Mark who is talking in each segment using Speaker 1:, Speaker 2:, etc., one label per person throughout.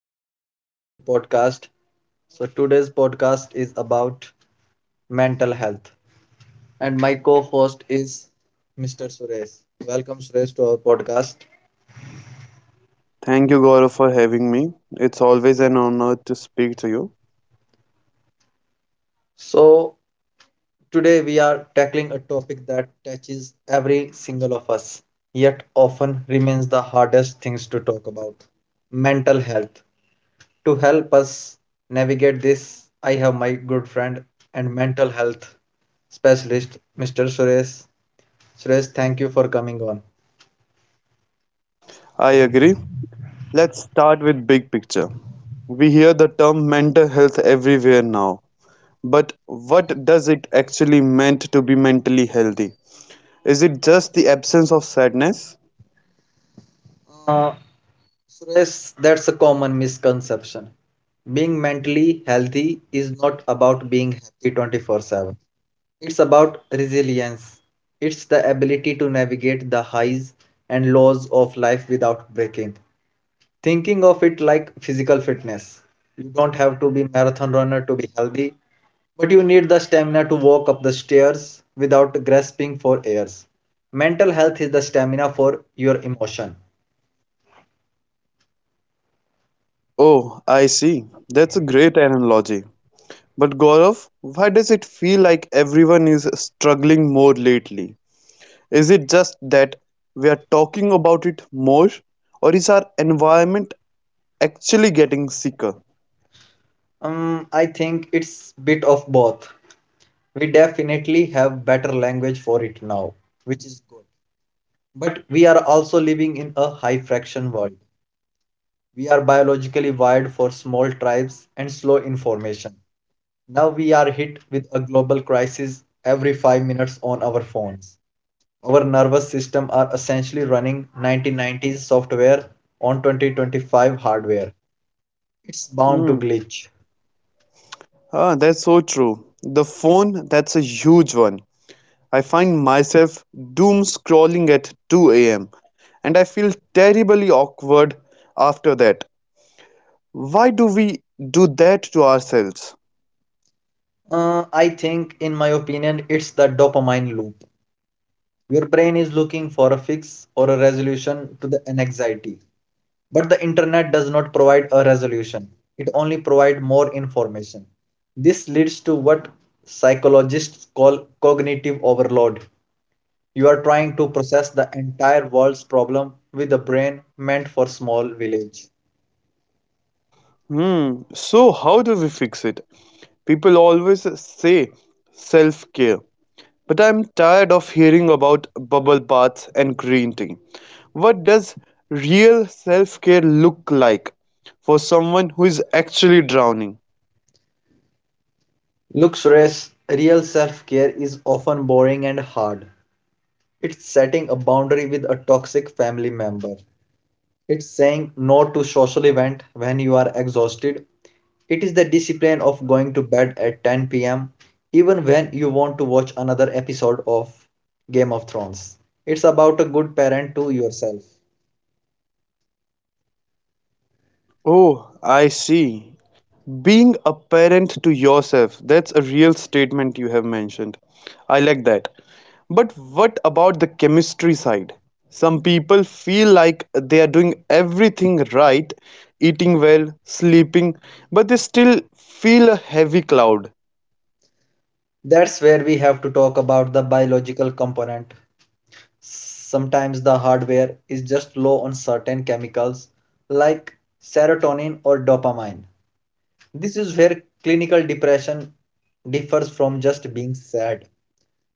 Speaker 1: Welcome to our new podcast. So, today's podcast is about mental health, and my co host is Mr. Suresh. Welcome, Suresh, to our podcast.
Speaker 2: Thank you, Gaurav, for having me. It's always an honor to speak to you.
Speaker 1: So, today we are tackling a topic that touches every single of us, yet often remains the hardest things to talk about mental health. To help us navigate this, I have my good friend and mental health specialist, Mr. Suresh. Suresh, thank you for coming on.
Speaker 2: I agree. Let's start with big picture. We hear the term mental health everywhere now, but what does it actually meant to be mentally healthy? Is it just the absence of sadness?
Speaker 1: Uh, Suresh, that's a common misconception. Being mentally healthy is not about being happy 24/7. It's about resilience. It's the ability to navigate the highs and lows of life without breaking. Thinking of it like physical fitness. You don't have to be marathon runner to be healthy, but you need the stamina to walk up the stairs without grasping for airs. Mental health is the stamina for your emotion.
Speaker 2: Oh, I see. That's a great analogy. But Gaurav, why does it feel like everyone is struggling more lately? Is it just that we are talking about it more, or is our environment actually getting sicker?
Speaker 1: I think it's bit of both. We definitely have better language for it now, which is good. But we are also living in a high fraction world. We are biologically wired for small tribes and slow information. Now we are hit with a global crisis every 5 minutes on our phones. Our nervous system are essentially running 1990s software on 2025 hardware. It's bound to
Speaker 2: Hmm.
Speaker 1: glitch.
Speaker 2: Ah, that's so true. The phone, that's a huge one. I find myself doom scrolling at 2 a.m. and I feel terribly awkward after that. Why do we do that to ourselves?
Speaker 1: I think, in my opinion, it's the dopamine loop. Your brain is looking for a fix or a resolution to the an anxiety, but the internet does not provide a resolution. It only provides more information. This leads to what psychologists call cognitive overload. You are trying to process the entire world's problem with a brain meant for small village.
Speaker 2: Hmm, so how do we fix it? People always say self-care, but I'm tired of hearing about bubble baths and green tea. What does real self-care look like for someone who is actually drowning?
Speaker 1: Looks race, real self-care is often boring and hard. It's setting a boundary with a toxic family member. It's saying no to social event when you are exhausted. It is the discipline of going to bed at 10 p.m. even when you want to watch another episode of Game of Thrones. It's about a good parent to yourself.
Speaker 2: Oh, I see. Being a parent to yourself, that's a real statement you have mentioned. I like that. But what about the chemistry side? Some people feel like they are doing everything right, eating well, sleeping, but they still feel a heavy cloud.
Speaker 1: That's where we have to talk about the biological component. Sometimes the hardware is just low on certain chemicals like serotonin or dopamine. This is where clinical depression differs from just being sad.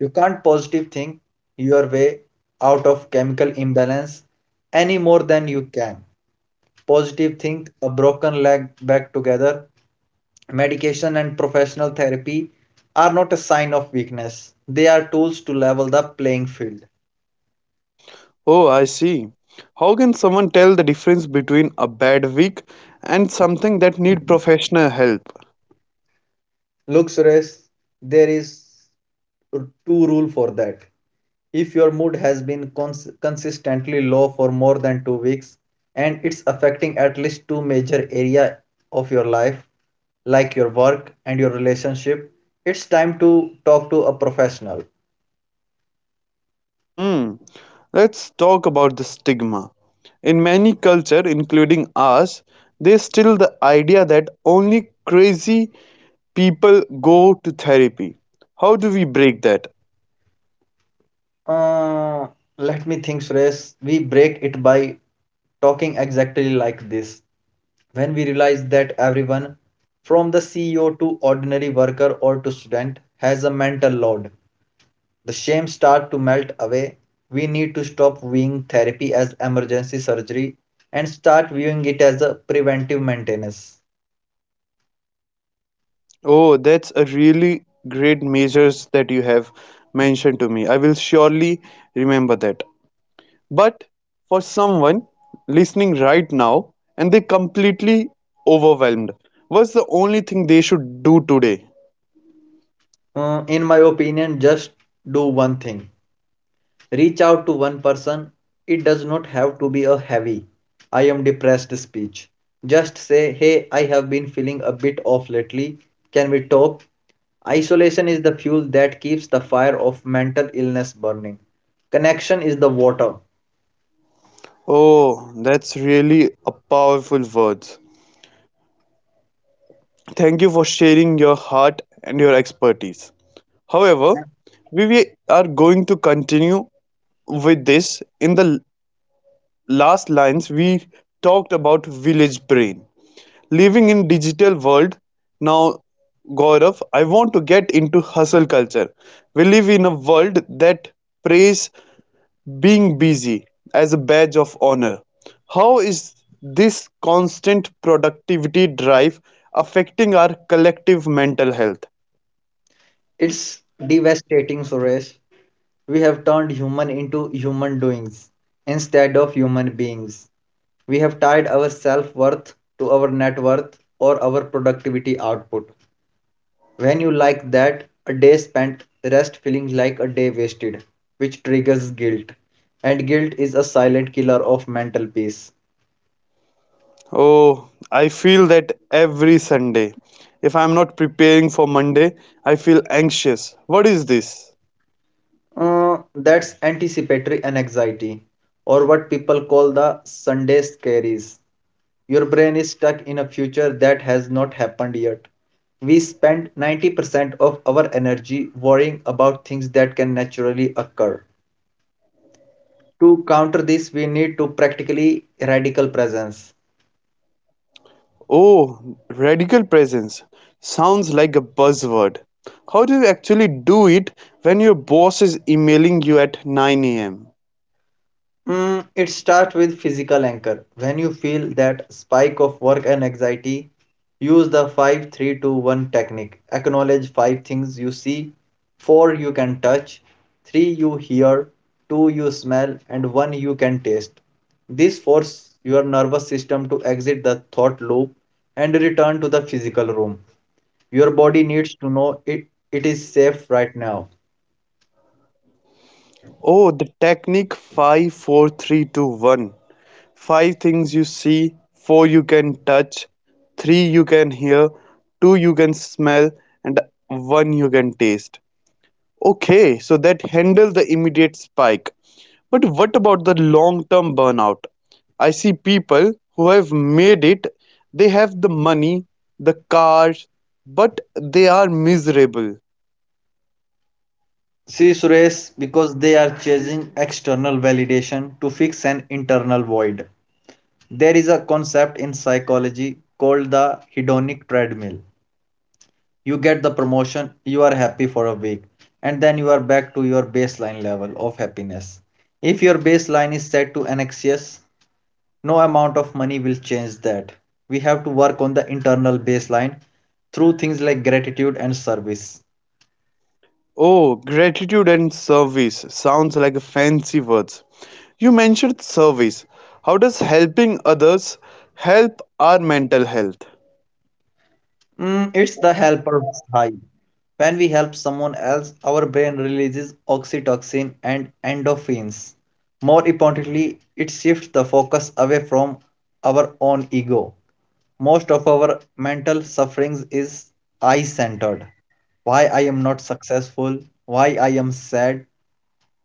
Speaker 1: You can't positive think your way out of chemical imbalance any more than you can. Positive think a broken leg back together. Medication and professional therapy are not a sign of weakness. They are tools to level the playing field.
Speaker 2: Oh, I see. How can someone tell the difference between a bad week and something that need professional help?
Speaker 1: Look, Suresh, there is two rule for that. If your mood has been consistently low for more than 2 weeks and it's affecting at least two major areas of your life like your work and your relationship, it's time to talk to a professional.
Speaker 2: Hmm. Let's talk about the stigma. In many cultures, including ours, there's still the idea that only crazy people go to therapy. How do we break that?
Speaker 1: Uh, let me think, Suresh. We break it by talking exactly like this. When we realize that everyone, from the CEO to ordinary worker or to student, has a mental load, the shame start to melt away, we need to stop viewing therapy as emergency surgery and start viewing it as a preventive maintenance.
Speaker 2: Oh, that's a really great measures that you have mentioned to me. I will surely remember that. But for someone listening right now and they completely overwhelmed, what's the only thing they should do today?
Speaker 1: In my opinion, just do one thing reach out to one person. It does not have to be a heavy, I am depressed speech. Just say, hey, I have been feeling a bit off lately. Can we talk? Isolation is the fuel that keeps the fire of mental illness burning. Connection is the water.
Speaker 2: Oh, that's really a powerful words. Thank you for sharing your heart and your expertise. However, we are going to continue with this. In the last lines, we talked about village brain. Living in digital world now, Gaurav, I want to get into hustle culture. We live in a world that prays being busy, as a badge of honor. How is this constant productivity drive affecting our collective mental health?
Speaker 1: It's devastating, Suresh. We have turned human into human doings instead of human beings. We have tied our self worth to our net worth or our productivity output. When you like that, a day spent rest feeling like a day wasted, which triggers guilt. And guilt is a silent killer of mental peace.
Speaker 2: Oh, I feel that every Sunday. If I'm not preparing for Monday, I feel anxious. What is this?
Speaker 1: That's anticipatory anxiety, or what people call the Sunday scaries. Your brain is stuck in a future that has not happened yet. We spend 90% of our energy worrying about things that can naturally occur. To counter this, we need to practically radical presence.
Speaker 2: Oh, radical presence. Sounds like a buzzword. How do you actually do it when your boss is emailing you at 9 a.m.?
Speaker 1: It starts with physical anchor. When you feel that spike of work and anxiety, use the 5321 technique. Acknowledge 5 things you see, 4 you can touch, 3 you hear, 2 you smell, and 1 you can taste. This forces your nervous system to exit the thought loop and return to the physical room. Your body needs to know it, it is safe right now.
Speaker 2: Oh, the technique 5-4-3-2-1. Five things you see, four you can touch, three you can hear, two you can smell, and one you can taste. Okay, so that handles the immediate spike. But what about the long term burnout? I see people who have made it, they have the money, the cars, but they are miserable.
Speaker 1: See, Suresh, because they are chasing external validation to fix an internal void. There is a concept in psychology called the hedonic treadmill. You get the promotion, you are happy for a week, and then you are back to your baseline level of happiness. If your baseline is set to anxious, no amount of money will change that. We have to work on the internal baseline through things like gratitude and service.
Speaker 2: Oh, gratitude and service sounds like a fancy words. You mentioned service. How does helping others help our mental health?
Speaker 1: It's the helper high. When we help someone else, our brain releases oxytocin and endorphins. More importantly, it shifts the focus away from our own ego. Most of our mental sufferings is I centered. Why I am not successful, why I am sad,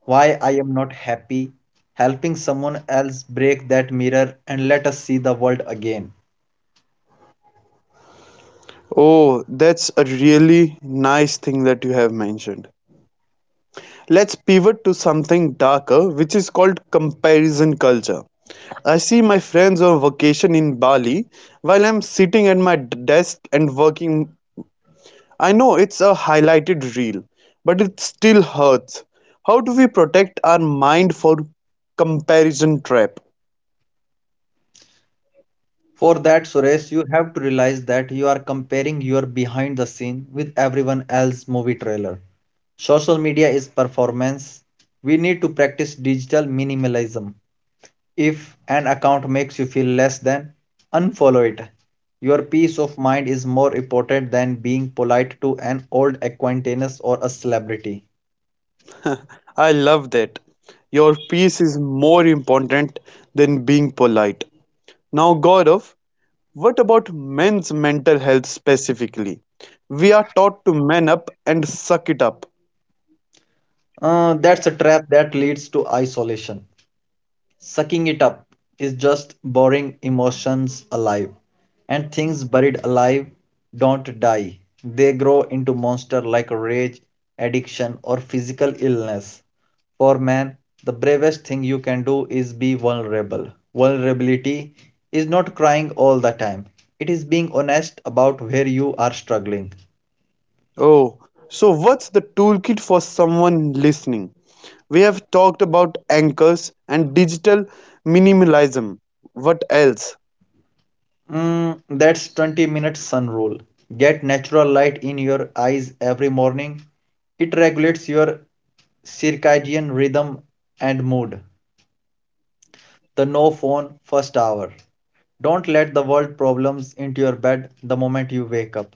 Speaker 1: why I am not happy. Helping someone else break that mirror and let us see the world again.
Speaker 2: Oh, that's a really nice thing that you have mentioned. Let's pivot to something darker, which is called comparison culture. I see my friends on vacation in Bali while I'm sitting at my desk and working. I know it's a highlighted reel, but it still hurts. How do we protect our mind for comparison trap?
Speaker 1: For that, Suresh, you have to realize that you are comparing your behind the scene with everyone else's movie trailer. Social media is performance. We need to practice digital minimalism. If an account makes you feel less than, unfollow it. Your peace of mind is more important than being polite to an old acquaintance or a celebrity.
Speaker 2: I love that. Your peace is more important than being polite. Now, Gaurav, what about men's mental health specifically? We are taught to man up and suck it up.
Speaker 1: That's a trap that leads to isolation. Sucking it up is just boring emotions alive. And things buried alive don't die, they grow into monsters like rage, addiction, or physical illness. For man, the bravest thing you can do is be vulnerable. Vulnerability is not crying all the time, it is being honest about where you are struggling.
Speaker 2: Oh, so what's the toolkit for someone listening? We have talked about anchors and digital minimalism. What else?
Speaker 1: That's 20-minute sun rule. Get natural light in your eyes every morning. It regulates your circadian rhythm and mood. The no phone first hour. Don't let the world problems into your bed the moment you wake up.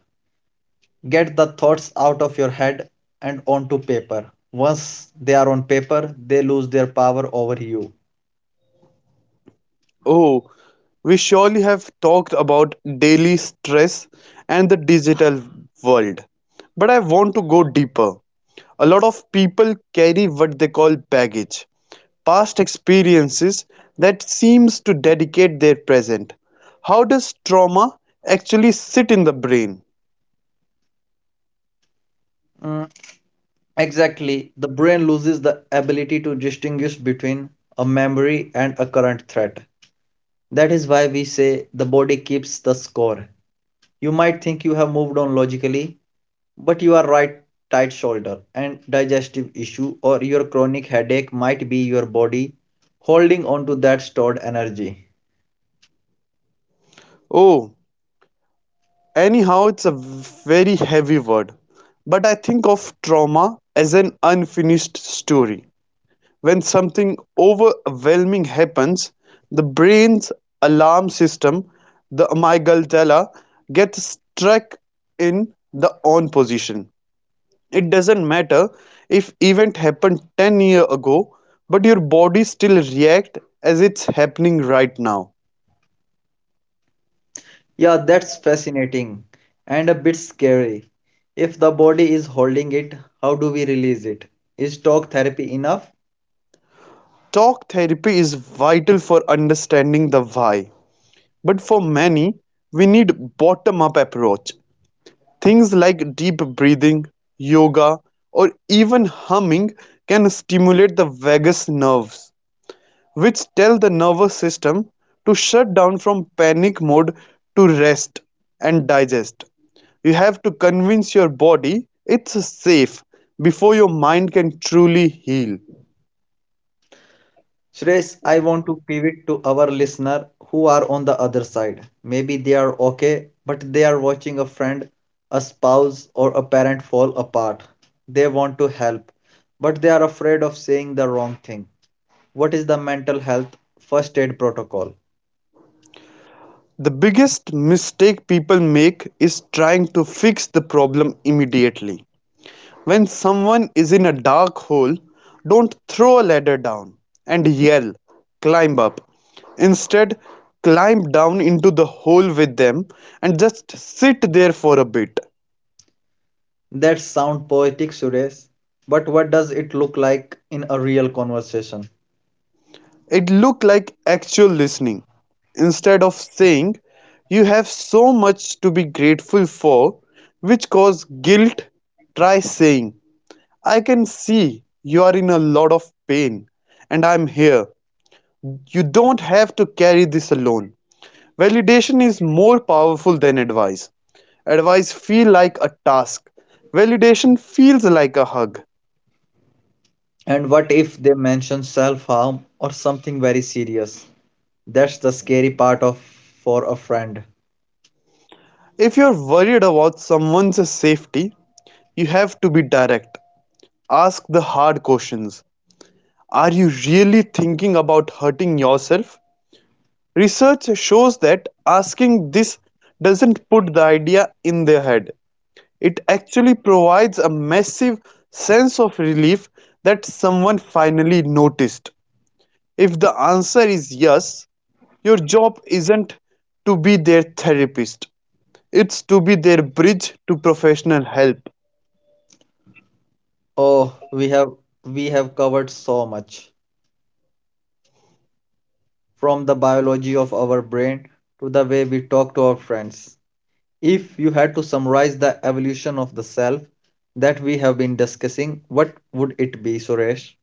Speaker 1: Get the thoughts out of your head and onto paper. Once they are on paper, they lose their power over you.
Speaker 2: Oh, we surely have talked about daily stress and the digital world. But I want to go deeper. A lot of people carry what they call baggage, past experiences that seems to dedicate their present. How does trauma actually sit in the brain?
Speaker 1: Mm, Exactly. The brain loses the ability to distinguish between a memory and a current threat. That is why we say the body keeps the score. You might think you have moved on logically, but you are right tight shoulder and digestive issue or your chronic headache might be your body holding on to that stored energy.
Speaker 2: Oh, anyhow, it's a very heavy word, but I think of trauma as an unfinished story. When something overwhelming happens, the brain's alarm system, the amygdala, gets stuck in the on position. It doesn't matter if event happened 10 years ago, but your body still react as it's happening right now.
Speaker 1: Yeah, that's fascinating and a bit scary. If the body is holding it, how do we release it? Is talk therapy enough?
Speaker 2: Talk therapy is vital for understanding the why. But for many, we need bottom-up approach. Things like deep breathing, yoga, or even humming can stimulate the vagus nerves, which tell the nervous system to shut down from panic mode to rest and digest. You have to convince your body it's safe before your mind can truly heal.
Speaker 1: Suresh, I want to pivot to our listener who are on the other side. Maybe they are okay, but they are watching a friend, a spouse, or a parent fall apart. They want to help, but they are afraid of saying the wrong thing. What is the mental health first aid protocol?
Speaker 2: The biggest mistake people make is trying to fix the problem immediately. When someone is in a dark hole, don't throw a ladder down and yell, climb up. Instead, climb down into the hole with them and just sit there for a bit.
Speaker 1: That sound poetic, Suresh, but what does it look like in a real conversation?
Speaker 2: It looked like actual listening. Instead of saying, you have so much to be grateful for, which causes guilt, try saying, I can see you are in a lot of pain and I'm here. You don't have to carry this alone. Validation is more powerful than advice. Advice feel like a task. Validation feels like a hug.
Speaker 1: And what if they mention self harm or something very serious? That's the scary part of for a friend.
Speaker 2: If you're worried about someone's safety, you have to be direct. Ask the hard questions. Are you really thinking about hurting yourself? Research shows that asking this doesn't put the idea in their head. It actually provides a massive sense of relief that someone finally noticed. If the answer is yes, your job isn't to be their therapist, it's to be their bridge to professional help.
Speaker 1: Oh, we have covered so much from the biology of our brain to the way we talk to our friends. If you had to summarize the evolution of the self that we have been discussing, what would it be, Suresh?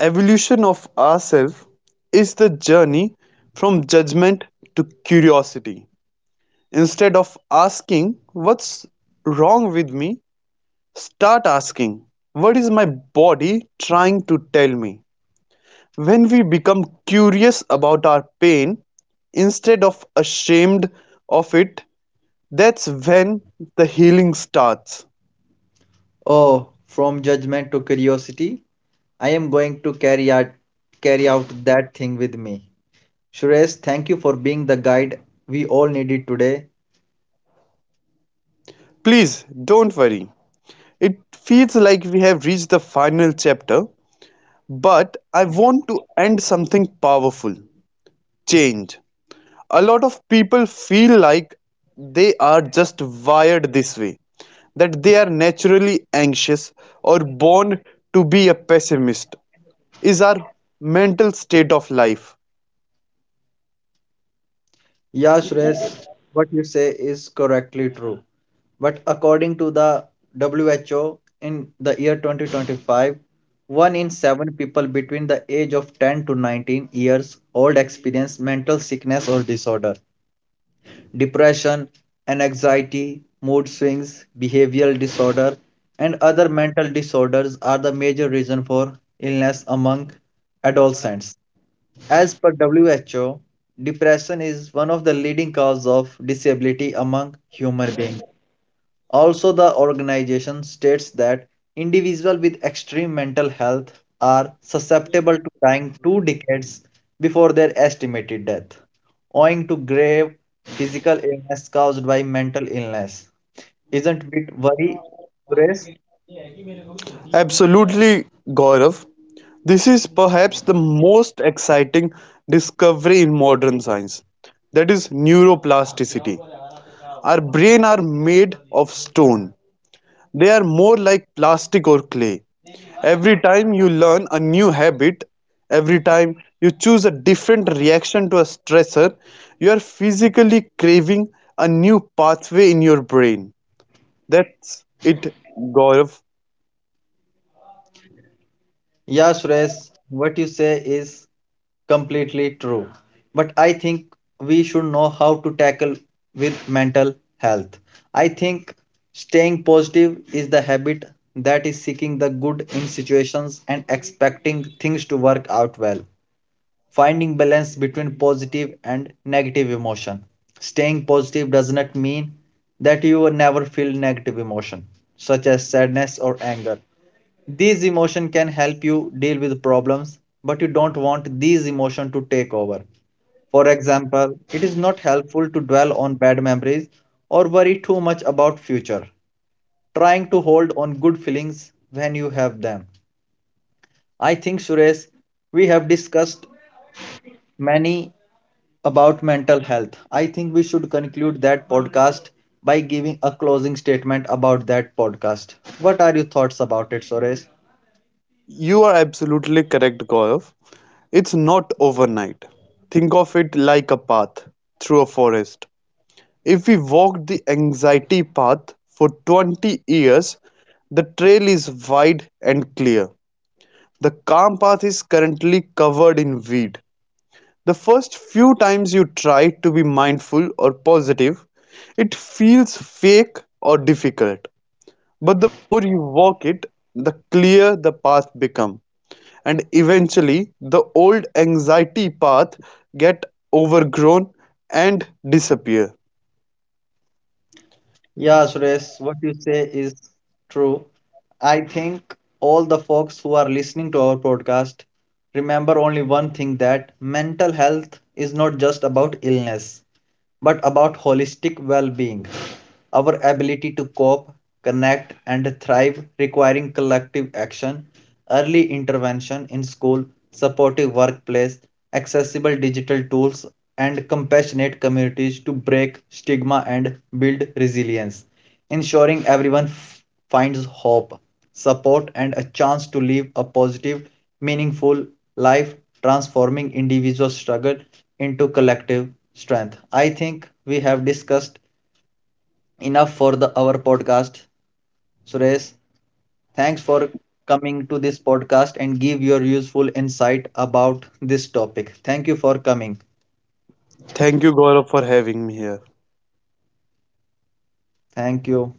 Speaker 2: Evolution of ourselves is the journey from judgment to curiosity. Instead of asking, what's wrong with me? Start asking, what is my body trying to tell me? When we become curious about our pain, instead of ashamed of it, that's when the healing starts.
Speaker 1: Oh, from judgment to curiosity, I am going to carry out that thing with me. Suresh, thank you for being the guide we all needed today.
Speaker 2: Please don't worry. It feels like we have reached the final chapter, but I want to end something powerful change. A lot of people feel like they are just wired this way, that they are naturally anxious or born to be a pessimist. Is our mental state of life?
Speaker 1: Yeah, Suresh, what you say is correctly true. But according to the WHO, in the year 2025, one in seven people between the age of 10 to 19 years old experience mental sickness or disorder, depression, and anxiety, mood swings, behavioral disorder, and other mental disorders are the major reason for illness among adolescents. As per WHO, depression is one of the leading causes of disability among human beings. Also, the organization states that individuals with extreme mental health are susceptible to dying 2 decades before their estimated death, owing to grave physical illness caused by mental illness. Isn't it worry, Suresh?
Speaker 2: Absolutely, Gaurav. This is perhaps the most exciting discovery in modern science, that is, neuroplasticity. Our brain are made of stone. They are more like plastic or clay. Every time you learn a new habit, every time you choose a different reaction to a stressor, you are physically craving a new pathway in your brain. That's it, Gaurav.
Speaker 1: Yeah, Suresh, what you say is completely true. But I think we should know how to tackle with mental health. I think staying positive is the habit that is seeking the good in situations and expecting things to work out well, finding balance between positive and negative emotion. Staying positive does not mean that you will never feel negative emotion such as sadness or anger. These emotions can help you deal with problems, but you don't want these emotions to take over. For example, it is not helpful to dwell on bad memories or worry too much about future. Trying to hold on good feelings when you have them. I think Suresh, we have discussed many about mental health. I think we should conclude that podcast by giving a closing statement about that podcast. What are your thoughts about it, Suresh?
Speaker 2: You are absolutely correct, Gaurav. It's not overnight. Think of it like a path through a forest. If we walk the anxiety path for 20 years, the trail is wide and clear. The calm path is currently covered in weed. The first few times you try to be mindful or positive, it feels fake or difficult. But the more you walk it, the clearer the path become. And eventually the old anxiety path get overgrown and disappear.
Speaker 1: Yeah, Suresh, what you say is true. I think all the folks who are listening to our podcast remember only one thing that mental health is not just about illness, but about holistic well being, our ability to cope, connect, and thrive, requiring collective action, early intervention in school, supportive workplace, accessible digital tools, and compassionate communities to break stigma and build resilience, ensuring everyone finds hope, support, and a chance to live a positive, meaningful life, transforming individual struggle into collective strength. I think we have discussed enough for the our podcast. Suresh, thanks for coming to this podcast and give your useful insight about this topic. Thank you for coming.
Speaker 2: Thank you Gaurav for having me here.
Speaker 1: Thank you.